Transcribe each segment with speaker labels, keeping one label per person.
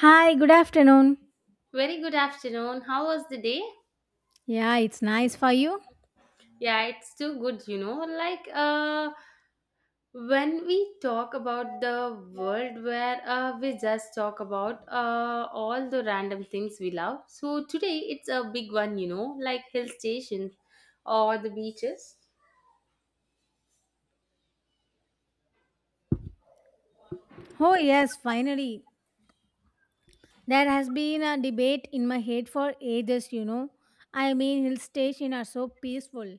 Speaker 1: Hi, good afternoon.
Speaker 2: Very good afternoon. How was the day?
Speaker 1: Yeah, it's nice for you.
Speaker 2: Yeah, it's too good, you know. Like, when we talk about the world where we just talk about all the random things we love. So today it's a big one, you know, like hill stations or the beaches.
Speaker 1: Oh, yes, finally. There has been a debate in my head, for ages, Hill stations are so peaceful.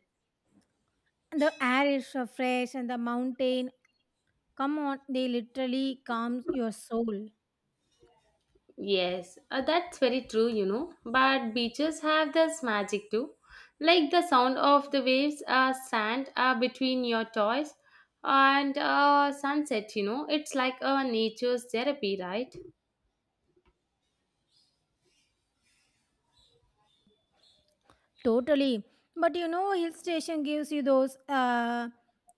Speaker 1: The air is so fresh and the mountain, come on, they literally calms your soul.
Speaker 2: Yes, that's very true, you know. But beaches have this magic too, like the sound of the waves, sand between your toes, and sunset. You know, it's like a nature's therapy, right?
Speaker 1: Totally. But you know, hill station gives you those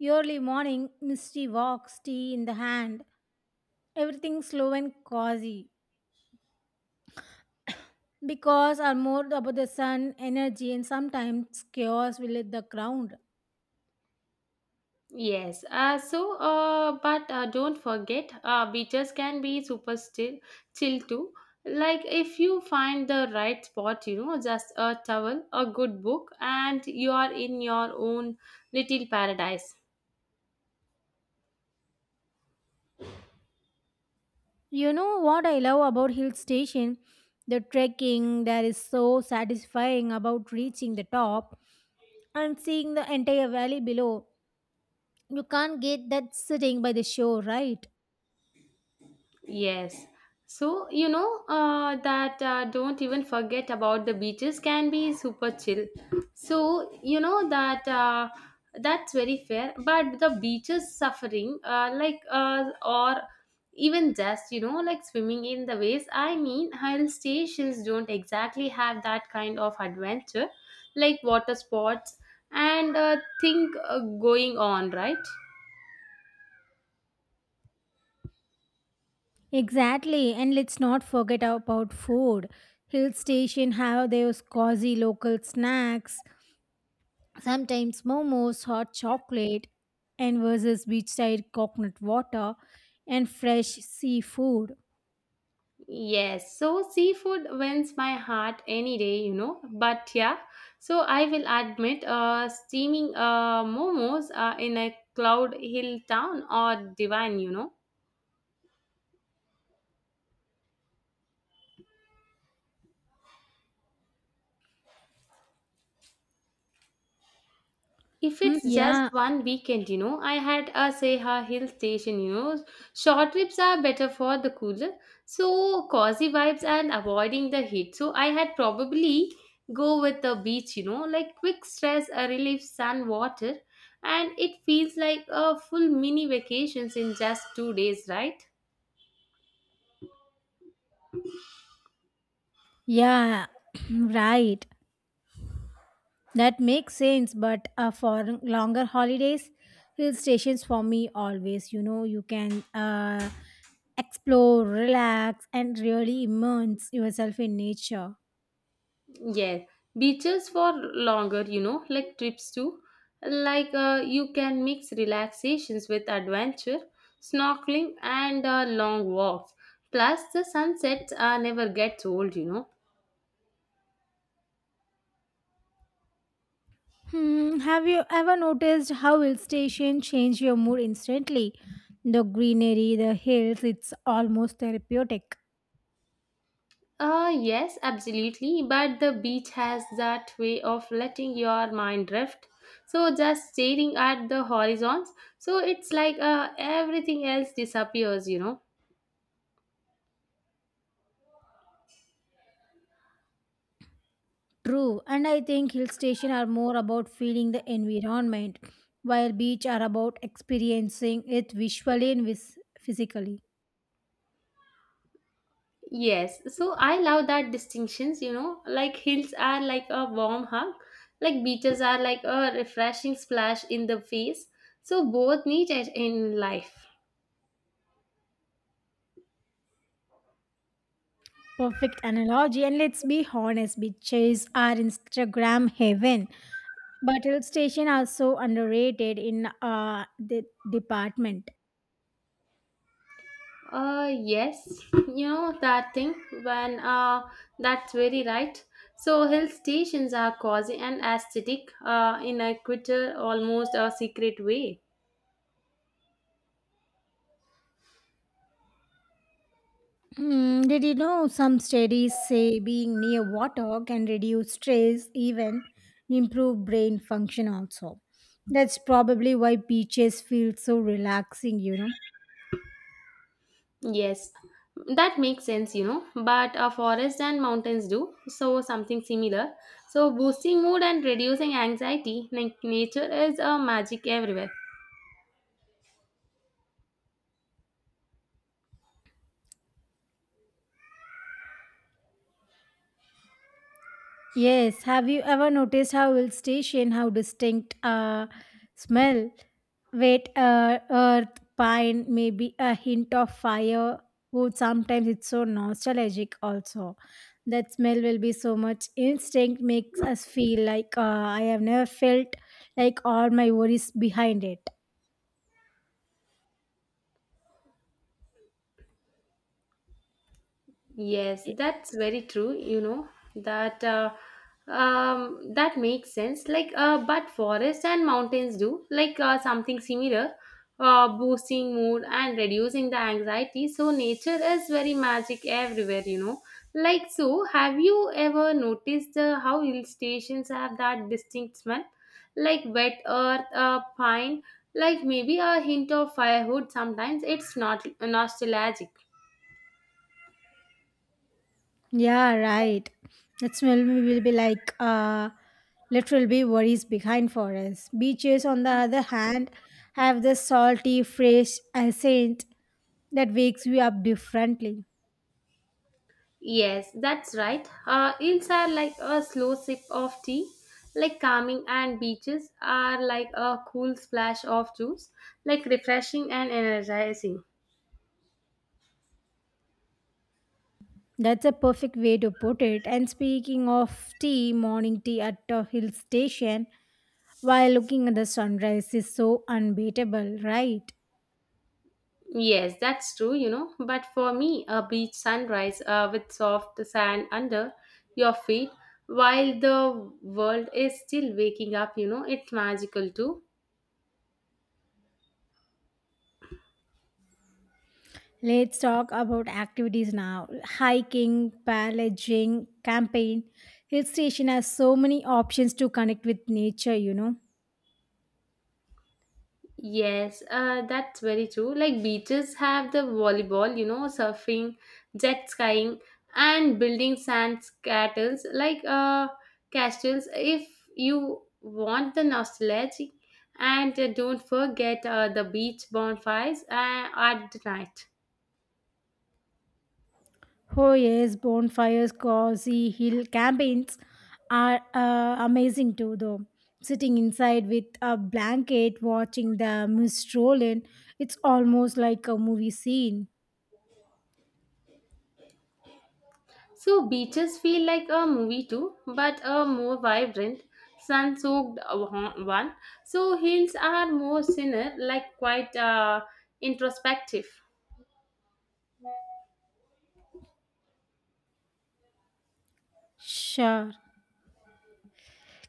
Speaker 1: early morning misty walks, tea in the hand, everything slow and cozy. Because are more about the sun energy and sometimes chaos will hit the ground.
Speaker 2: Yes. So, but don't forget, beaches can be super still, chill too. Like if you find the right spot, you know, just a towel, a good book, and you are in your own little paradise.
Speaker 1: You know what I love about hill station? The trekking that is so satisfying about reaching the top and seeing the entire valley below. You can't get that sitting by the shore, right?
Speaker 2: Yes. So, you know, that don't even forget about the beaches can be super chill. So, you know, that's very fair. But the beaches suffering, like, or even just, you know, like swimming in the waves. I mean, hill stations don't exactly have that kind of adventure, like water sports and thing going on, right?
Speaker 1: Exactly, and let's not forget about food. Hill station have those cozy local snacks. Sometimes momos, hot chocolate, and versus beachside coconut water and fresh seafood.
Speaker 2: Yes, so seafood wins my heart any day, you know. But yeah, so I will admit, steaming momos in a cloud hill town or divine, you know. If
Speaker 1: Hmm,
Speaker 2: it's just
Speaker 1: yeah,
Speaker 2: one weekend, you know, I had a Seha Hill Station, you know, short trips are better for the cooler, so cozy vibes and avoiding the heat. So I had probably go with the beach, you know, like quick stress, a relief, sun, water, and it feels like a full mini vacations in just 2 days, right?
Speaker 1: yeah, right. That makes sense. But for longer holidays, hill stations for me always. You know, you can explore, relax, and really immerse yourself in nature.
Speaker 2: Yes, beaches for longer, you know, like trips too. Like you can mix relaxations with adventure, snorkeling, and long walks. Plus, the sunsets never gets old, you know.
Speaker 1: Hmm, have you ever noticed how hill station change your mood instantly? The greenery, the hills, it's almost therapeutic.
Speaker 2: Yes, absolutely. But the beach has that way of letting your mind drift. So just staring at the horizons. So it's like everything else disappears, you know.
Speaker 1: True, and I think hill station are more about feeling the environment, while beach are about experiencing it visually and physically.
Speaker 2: Yes, so I love that distinctions, you know, like hills are like a warm hug, like beaches are like a refreshing splash in the face. So both need it in life.
Speaker 1: Perfect analogy, and let's be honest, beaches are Instagram heaven, but hill station are so underrated in the department.
Speaker 2: Yes, you know that thing when that's very right. So hill stations are cozy and aesthetic in a quitter almost a secret way.
Speaker 1: Hmm, did you know some studies say being near water can reduce stress, even improve brain function also? That's probably why beaches feel so relaxing, you know.
Speaker 2: Yes, that makes sense, you know. But a forest and mountains do, so something similar. So boosting mood and reducing anxiety, like nature is a magic everywhere.
Speaker 1: Yes, have you ever noticed how hill station, how distinct smell? Wet earth, pine, maybe a hint of fire. Wood. Sometimes it's so nostalgic also. That smell will be so much instinct makes us feel like I have never felt like all my worries behind it.
Speaker 2: Yes, that's very true. You know that uh, that makes sense. Like, but forests and mountains do like something similar, boosting mood and reducing the anxiety. So nature is very magic everywhere. You know, like so. Have you ever noticed how hill stations have that distinct smell, like wet earth, pine, like maybe a hint of firewood? Sometimes it's not nostalgic.
Speaker 1: Yeah, right. That smell will be like literal be worries behind for us. Beaches, on the other hand, have the salty, fresh scent that wakes you up differently.
Speaker 2: Yes, that's right. Ills are like a slow sip of tea, like calming, and beaches are like a cool splash of juice, like refreshing and energizing.
Speaker 1: That's a perfect way to put it. And speaking of tea, morning tea at a hill station while looking at the sunrise is so unbeatable, right?
Speaker 2: Yes, that's true, you know. But for me, a beach sunrise with soft sand under your feet while the world is still waking up, you know, it's magical too.
Speaker 1: Let's talk about activities now. Hiking, paddling, camping. Hill station has so many options to connect with nature, you know.
Speaker 2: Yes, that's very true. Like beaches have the volleyball, you know, surfing, jet skiing, and building sand castles. Like castles, if you want the nostalgia, and don't forget the beach bonfires at the night.
Speaker 1: Oh yes, bonfires, cozy hill campaigns are amazing too though. Sitting inside with a blanket watching the mist roll in, it's almost like a movie scene.
Speaker 2: So beaches feel like a movie too, but a more vibrant, sun-soaked one. So hills are more thinner, like quite introspective.
Speaker 1: Sure.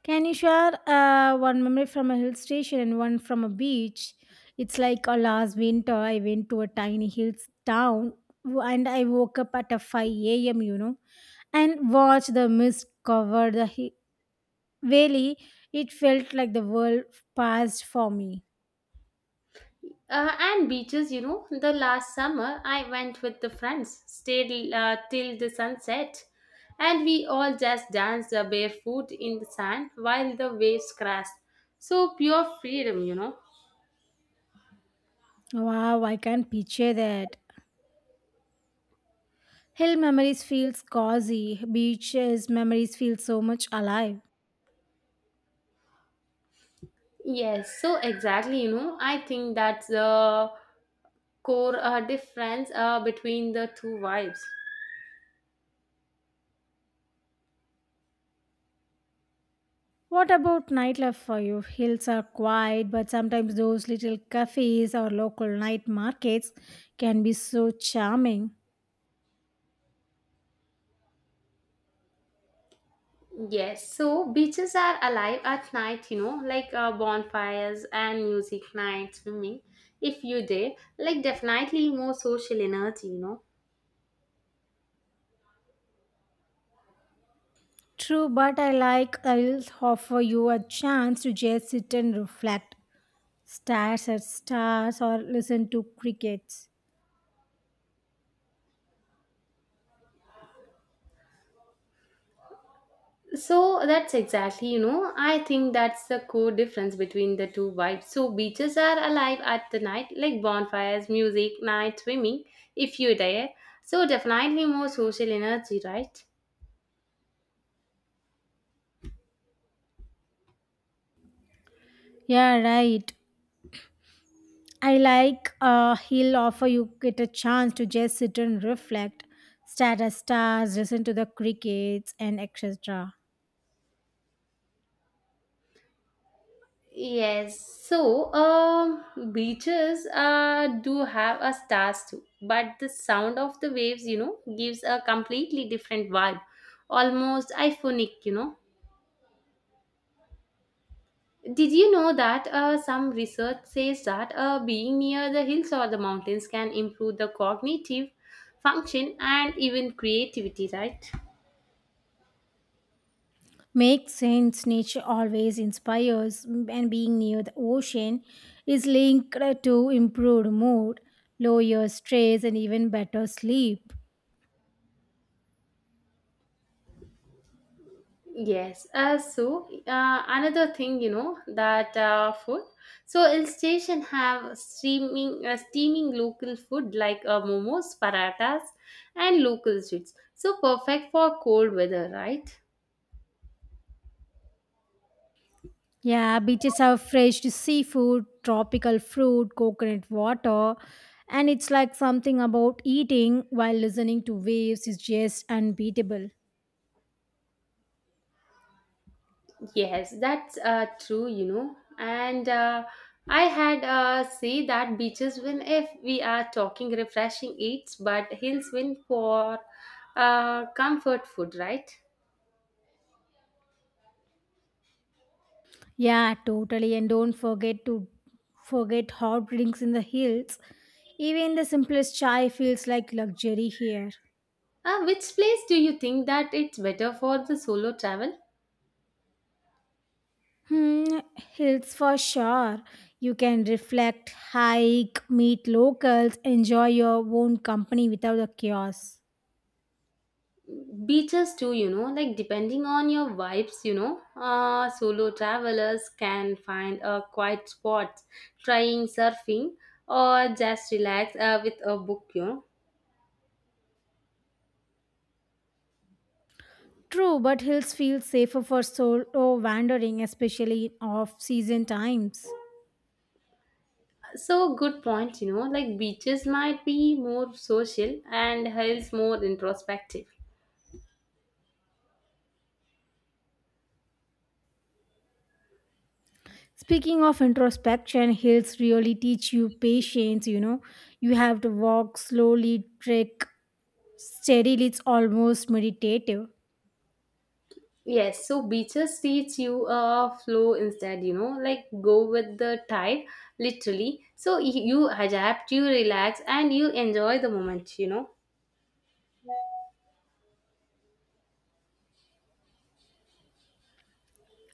Speaker 1: Can you share one memory from a hill station and one from a beach? It's like last winter, I went to a tiny hill town and I woke up at a 5 a.m., you know, and watched the mist cover the valley. It felt like the world passed for me.
Speaker 2: And beaches, you know, the last summer I went with the friends, stayed till the sunset, and we all just danced barefoot in the sand while the waves crashed. So pure freedom, you know.
Speaker 1: Wow, I can picture that. Hill memories feels cozy. Beaches memories feel so much alive.
Speaker 2: Yes, so exactly, you know, I think that's the core difference between the two vibes.
Speaker 1: What about nightlife for you? Hills are quiet, but sometimes those little cafes or local night markets can be so charming.
Speaker 2: Yes, so beaches are alive at night, you know, like bonfires and music night, swimming. If you did, like definitely more social energy, you know.
Speaker 1: True, but I like I'll offer you a chance to just sit and reflect. Stars at stars or listen to crickets.
Speaker 2: So that's exactly, you know, I think that's the core difference between the two vibes. So beaches are alive at the night, like bonfires, music, night, swimming, if you dare. So definitely more social energy, right?
Speaker 1: Yeah, right. I like he'll offer you get a chance to just sit and reflect. Stare at stars, listen to the crickets and etc.
Speaker 2: Yes, so beaches do have a stars too, but the sound of the waves, you know, gives a completely different vibe, almost euphonic, you know. Did you know that some research says that being near the hills or the mountains can improve the cognitive function and even creativity, right?
Speaker 1: Makes sense. Nature always inspires, and being near the ocean is linked to improved mood, lower stress, and even better sleep.
Speaker 2: Yes. So another thing, you know, that food. So hill station have steaming local food like momos, paratas, and local sweets. So perfect for cold weather, right?
Speaker 1: Yeah, beaches have fresh seafood, tropical fruit, coconut water, and it's like something about eating while listening to waves is just unbeatable.
Speaker 2: Yes, that's true, you know. And I had say that beaches win if we are talking refreshing eats, but hills win for comfort food, right?
Speaker 1: Yeah, totally. And don't forget to forget hot drinks in the hills. Even the simplest chai feels like luxury here.
Speaker 2: Which place do you think that it's better for the solo travel?
Speaker 1: Hmm, hills for sure. You can reflect, hike, meet locals, enjoy your own company without the chaos.
Speaker 2: Beaches too, you know, like depending on your vibes, you know, solo travelers can find a quiet spot, trying surfing or just relax with a book, you know.
Speaker 1: True, but hills feel safer for solo wandering, especially in off-season times.
Speaker 2: So good point, you know, like beaches might be more social and hills more introspective.
Speaker 1: Speaking of introspection, hills really teach you patience, you know. You have to walk slowly, trek steadily, it's almost meditative.
Speaker 2: Yes, so beaches teach you a flow instead, you know, like go with the tide, literally. So you adapt, you relax, and you enjoy the moment, you know.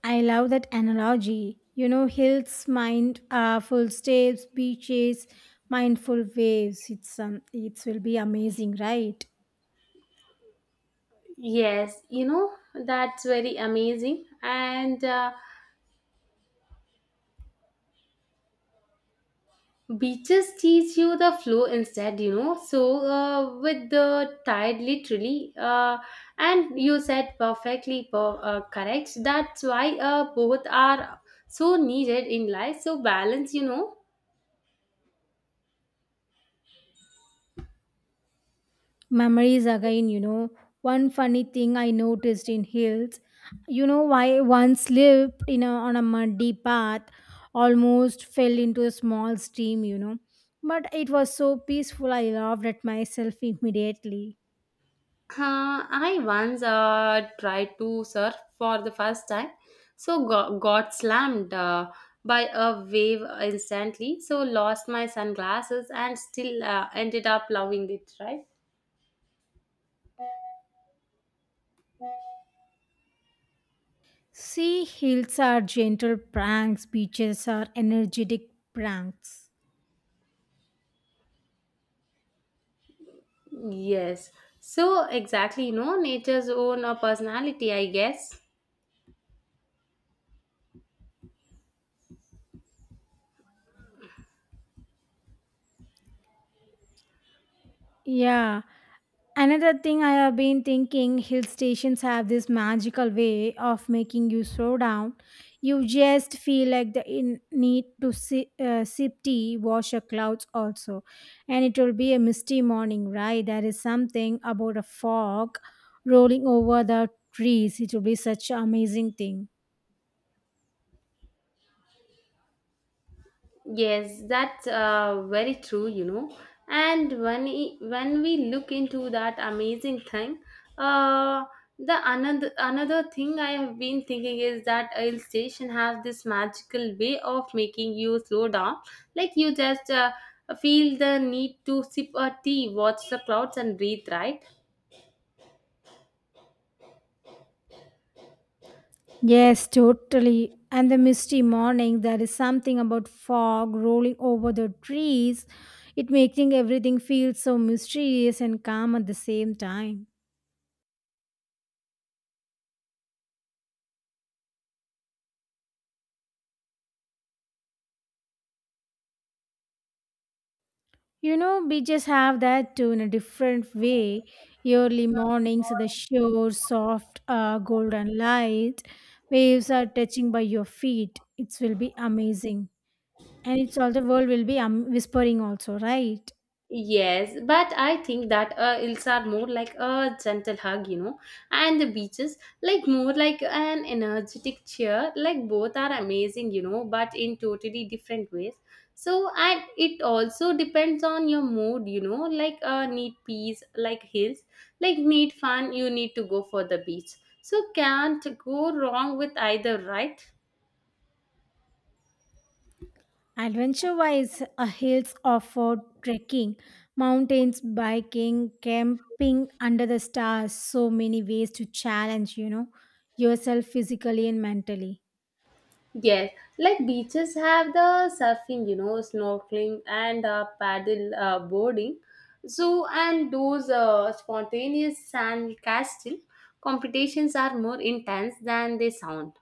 Speaker 1: I love that analogy. You know, hills, mind, full steps, beaches, mindful waves. It's it will be amazing, right?
Speaker 2: Yes, you know, that's very amazing. And beaches teach you the flow instead, you know. So with the tide, literally, and you said perfectly correct. That's why both are so needed in life. So balance, you know.
Speaker 1: Memories again. You know, one funny thing I noticed in hills. You know, I once lived in a, on a muddy path, almost fell into a small stream. You know, but it was so peaceful. I laughed at myself immediately.
Speaker 2: Huh, I once tried to surf for the first time, so got slammed by a wave instantly. So lost my sunglasses and still ended up loving it. Right?
Speaker 1: Sea hills are gentle pranks, beaches are energetic pranks.
Speaker 2: Yes. So exactly, you know, nature's own personality, I guess.
Speaker 1: Yeah. Another thing I have been thinking hill stations have this magical way of making you slow down. You just feel like the need to sip tea, wash your clouds also. And it will be a misty morning, right? There is something about a fog rolling over the trees. It will be such an amazing thing.
Speaker 2: Yes, that's very true, you know. And when we look into that amazing thing, uh, the another thing I have been thinking is that a hill station has this magical way of making you slow down, like you just feel the need to sip a tea, watch the clouds, and breathe. Right?
Speaker 1: Yes, totally. And the misty morning, there is something about fog rolling over the trees. It making everything feel so mysterious and calm at the same time. You know, beaches have that too in a different way. Early mornings, the shore, soft golden light, waves are touching by your feet. It will be amazing. And it's all the world will be whispering also, right?
Speaker 2: Yes, but I think that ills are more like a gentle hug, you know, and the beaches like more like an energetic cheer. Like both are amazing, you know, but in totally different ways. So and it also depends on your mood, you know. Like need peace, like hills, like need fun. You need to go for the beach. So can't go wrong with either, right?
Speaker 1: Adventure wise, hills offer trekking, mountains, biking, camping under the stars, so many ways to challenge, you know, yourself physically and mentally.
Speaker 2: Yes, like beaches have the surfing, you know, snorkeling and paddle boarding. So, and those spontaneous sand castle competitions are more intense than they sound.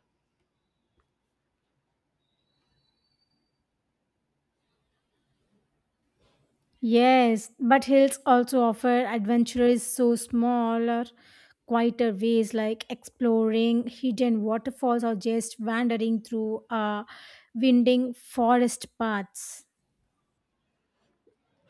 Speaker 1: Yes, but hills also offer adventurous, so smaller, quieter ways like exploring hidden waterfalls or just wandering through winding forest paths.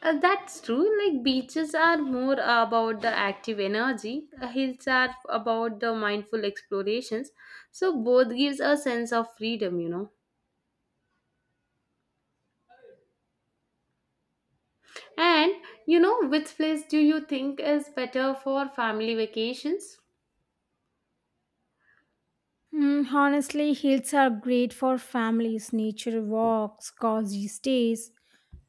Speaker 2: That's true. Like beaches are more about the active energy, hills are about the mindful explorations. So both gives a sense of freedom, you know. And you know, which place do you think is better for family vacations?
Speaker 1: Mm, honestly, hills are great for families, nature walks, cozy stays,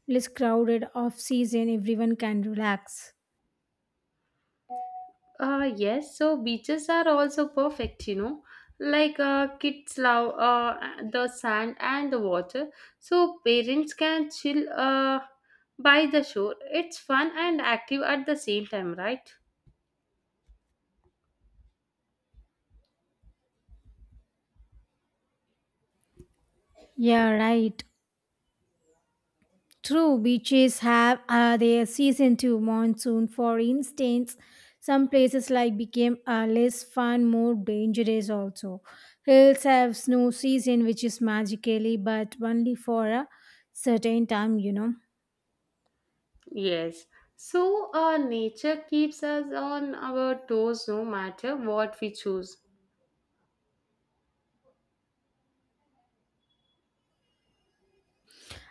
Speaker 1: less crowded off season, everyone can relax.
Speaker 2: Yes, so beaches are also perfect, you know. Like kids love the sand and the water, so parents can chill by the shore. It's fun and active at the same time, right?
Speaker 1: Yeah, right. True, beaches have their season too, monsoon, for instance. Some places like became less fun, more dangerous also. Hills have snow season, which is magically, but only for a certain time, you know.
Speaker 2: Yes. So nature keeps us on our toes no matter what we choose.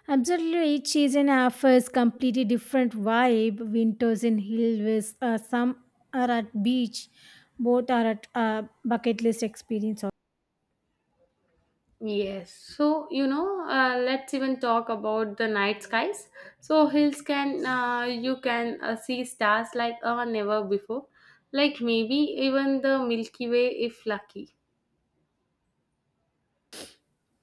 Speaker 1: Absolutely, each season offers completely different vibe. Winters in hills, some are at beach, both are at bucket list experience.
Speaker 2: Yes, so you know, let's even talk about the night skies. So hills can you can see stars like never before, like maybe even the Milky Way if lucky.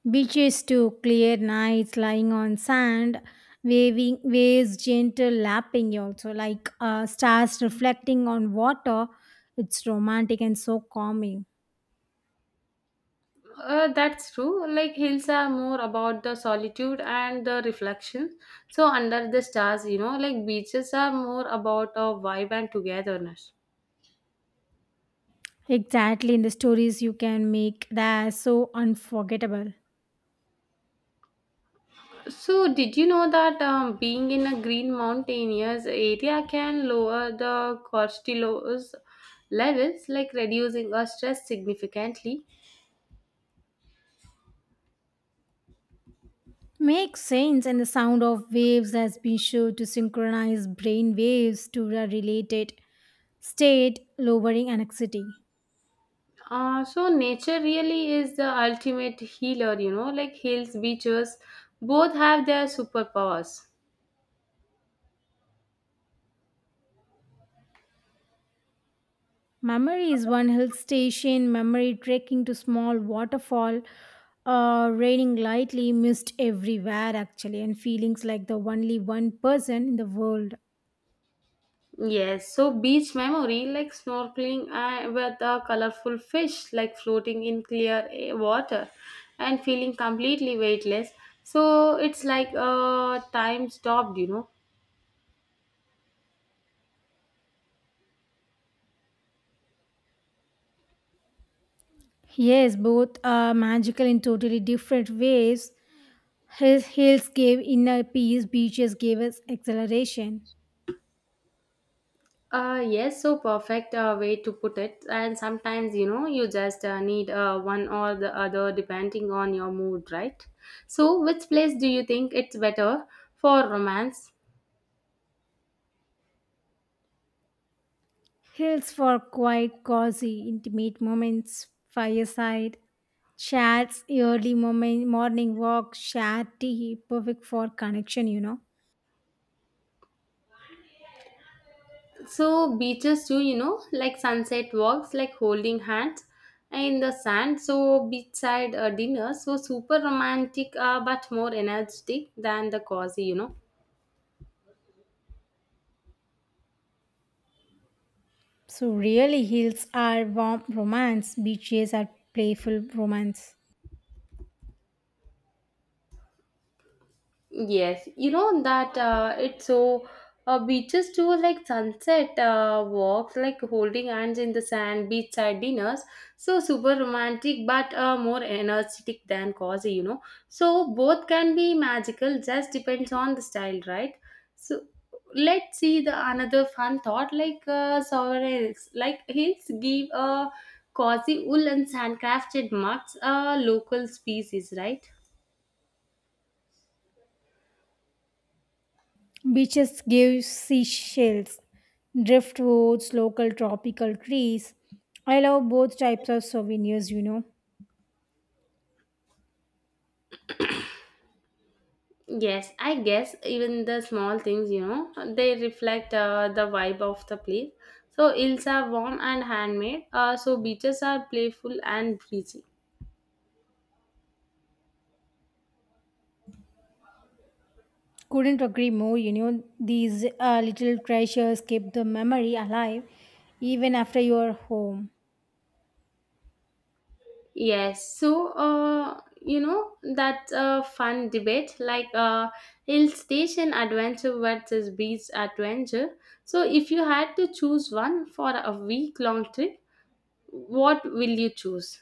Speaker 1: Beaches too, clear nights, lying on sand, waving waves, gentle lapping. Also, like stars reflecting on water, it's romantic and so calming.
Speaker 2: That's true. Like hills are more about the solitude and the reflection. So under the stars, you know, like beaches are more about a vibe and togetherness.
Speaker 1: Exactly, in the stories you can make that so unforgettable.
Speaker 2: So, did you know that being in a green mountainous area can lower the cortisol levels, like reducing our stress significantly?
Speaker 1: Makes sense, and the sound of waves has been shown to synchronize brain waves to a related state, lowering anxiety.
Speaker 2: So, nature really is the ultimate healer, you know, like hills, beaches, both have their superpowers.
Speaker 1: Memory is one hill station, memory trekking to small waterfall, raining lightly, mist everywhere actually, and feelings like the only one person in the world.
Speaker 2: Yes, so beach memory like snorkeling with a colorful fish, like floating in clear water and feeling completely weightless. So it's like time stopped, you know.
Speaker 1: Yes, both are magical in totally different ways. His hills gave inner peace, beaches gave us exhilaration.
Speaker 2: Yes, so perfect way to put it. And sometimes, you know, you just need one or the other depending on your mood, right? So, which place do you think it's better for romance?
Speaker 1: Hills for quiet, cozy, intimate moments, fireside, chats, early moment, morning walk, shared tea, perfect for connection, you know.
Speaker 2: So beaches too, you know, like sunset walks, like holding hands in the sand, so beachside dinner so super romantic but more energetic than the cozy, you know.
Speaker 1: So really, hills are warm romance, beaches are playful romance.
Speaker 2: Yes, you know that it's so beaches too like sunset walks, like holding hands in the sand, beachside dinners. So super romantic, but more energetic than cozy, you know. So both can be magical, just depends on the style, right? So let's see the another fun thought like sovereign hills. Like hills give a cozy wool and sand crafted mugs, a local species, right?
Speaker 1: Beaches give seashells, driftwoods, local tropical trees. I love both types of souvenirs, you know.
Speaker 2: Yes, I guess even the small things, you know, they reflect the vibe of the place. So hills are warm and handmade. So beaches are playful and breezy.
Speaker 1: Couldn't agree more. You know, these little treasures keep the memory alive even after you're home.
Speaker 2: Yes, so you know that's a fun debate, like hill station adventure versus beach adventure. So if you had to choose one for a week long trip, what will you choose?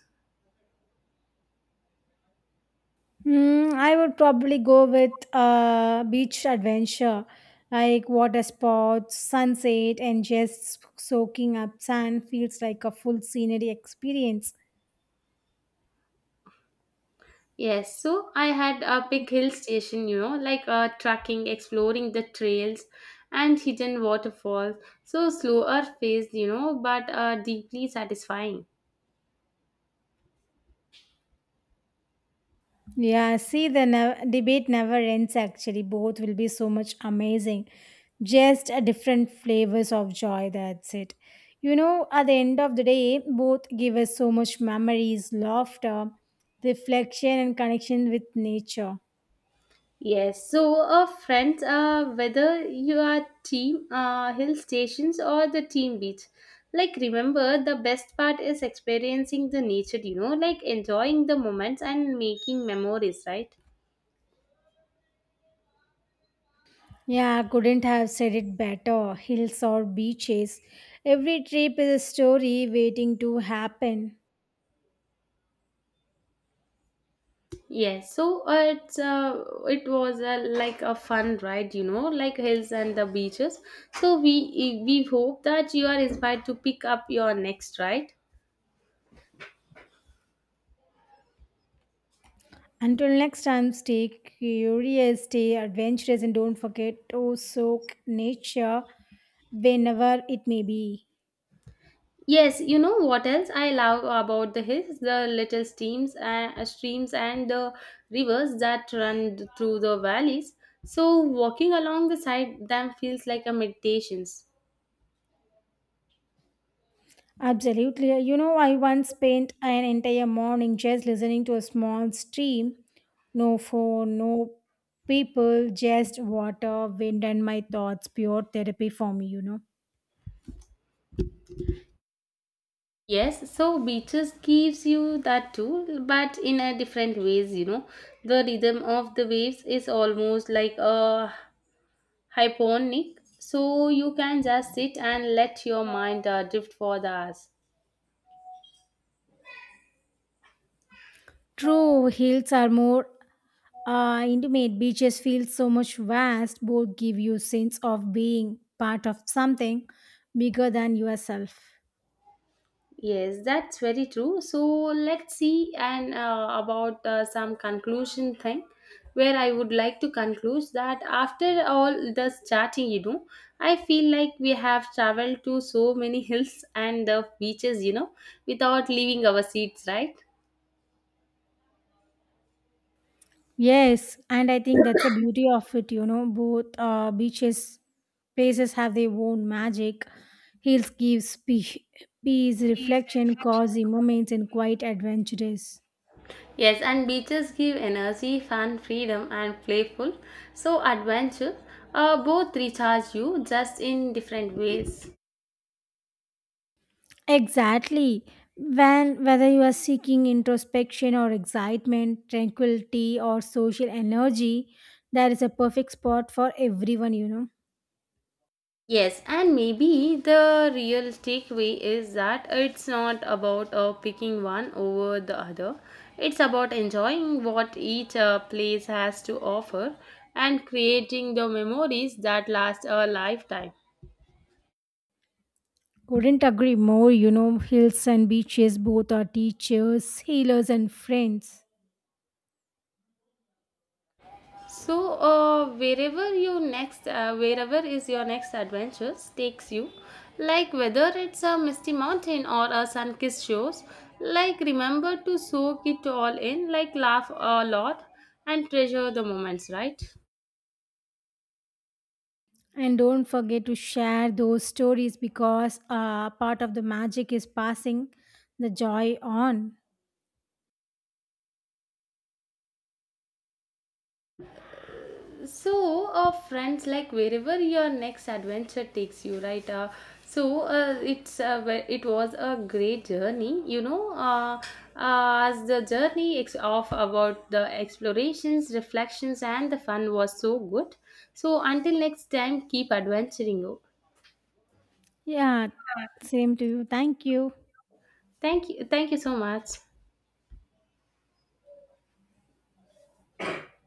Speaker 1: Mm, I would probably go with beach adventure, like water sports, sunset, and just soaking up sand feels like a full scenery experience.
Speaker 2: Yes, so I had a big hill station, you know, like trekking, exploring the trails and hidden waterfalls. So slower paced, you know, but deeply satisfying.
Speaker 1: Yeah, see, the debate never ends actually. Both will be so much amazing. Just a different flavors of joy, that's it. You know, at the end of the day, both give us so much memories, laughter, reflection, and connection with nature.
Speaker 2: Yes, so friends, whether you are team hill stations or the team beach, like remember the best part is experiencing the nature, you know, like enjoying the moments and making memories, right?
Speaker 1: Yeah, couldn't have said it better. Hills or beaches. Every trip is a story waiting to happen.
Speaker 2: Yes, so it was like a fun ride, you know, like hills and the beaches. So we hope that you are inspired to pick up your next ride.
Speaker 1: Until next time, stay curious, stay adventurous, and don't forget to soak nature whenever it may be.
Speaker 2: Yes, you know what else I love about the hills? The little streams and the rivers that run through the valleys. So walking along the side them feels like a meditation.
Speaker 1: Absolutely. You know, I once spent an entire morning just listening to a small stream. No phone, no people, just water, wind, and my thoughts. Pure therapy for me, you know.
Speaker 2: Yes, so beaches gives you that too, but in a different ways, you know. The rhythm of the waves is almost like a hyponic, so you can just sit and let your mind drift for the hours.
Speaker 1: True, hills are more intimate. Beaches feel so much vast. Both give you sense of being part of something bigger than yourself.
Speaker 2: Yes, that's very true. So let's see and about some conclusion thing where I would like to conclude that after all this chatting, you know, I feel like we have traveled to so many hills and the beaches, you know, without leaving our seats, right?
Speaker 1: Yes, and I think that's the beauty of it, you know. Both beaches places have their own magic. Hills gives peace, peace, reflection, cozy moments, and quite adventurous.
Speaker 2: Yes, and beaches give energy, fun, freedom, and playful. So adventure, both recharge you just in different ways.
Speaker 1: Exactly. When whether you are seeking introspection or excitement, tranquility or social energy, there is a perfect spot for everyone, you know.
Speaker 2: Yes, and maybe the real takeaway is that it's not about picking one over the other. It's about enjoying what each place has to offer and creating the memories that last a lifetime.
Speaker 1: Couldn't agree more, you know. Hills and beaches both are teachers, healers, and friends.
Speaker 2: So, wherever is your next adventure takes you, like whether it's a misty mountain or a sun-kissed shores, like remember to soak it all in, like laugh a lot and treasure the moments, right?
Speaker 1: And don't forget to share those stories because part of the magic is passing the joy on.
Speaker 2: So, friends, like wherever your next adventure takes you, right? So it was a great journey, you know. As the journey of about the explorations, reflections, and the fun was so good. So until next time, keep adventuring. Oh.
Speaker 1: Yeah, same to you. Thank you.
Speaker 2: Thank you so much.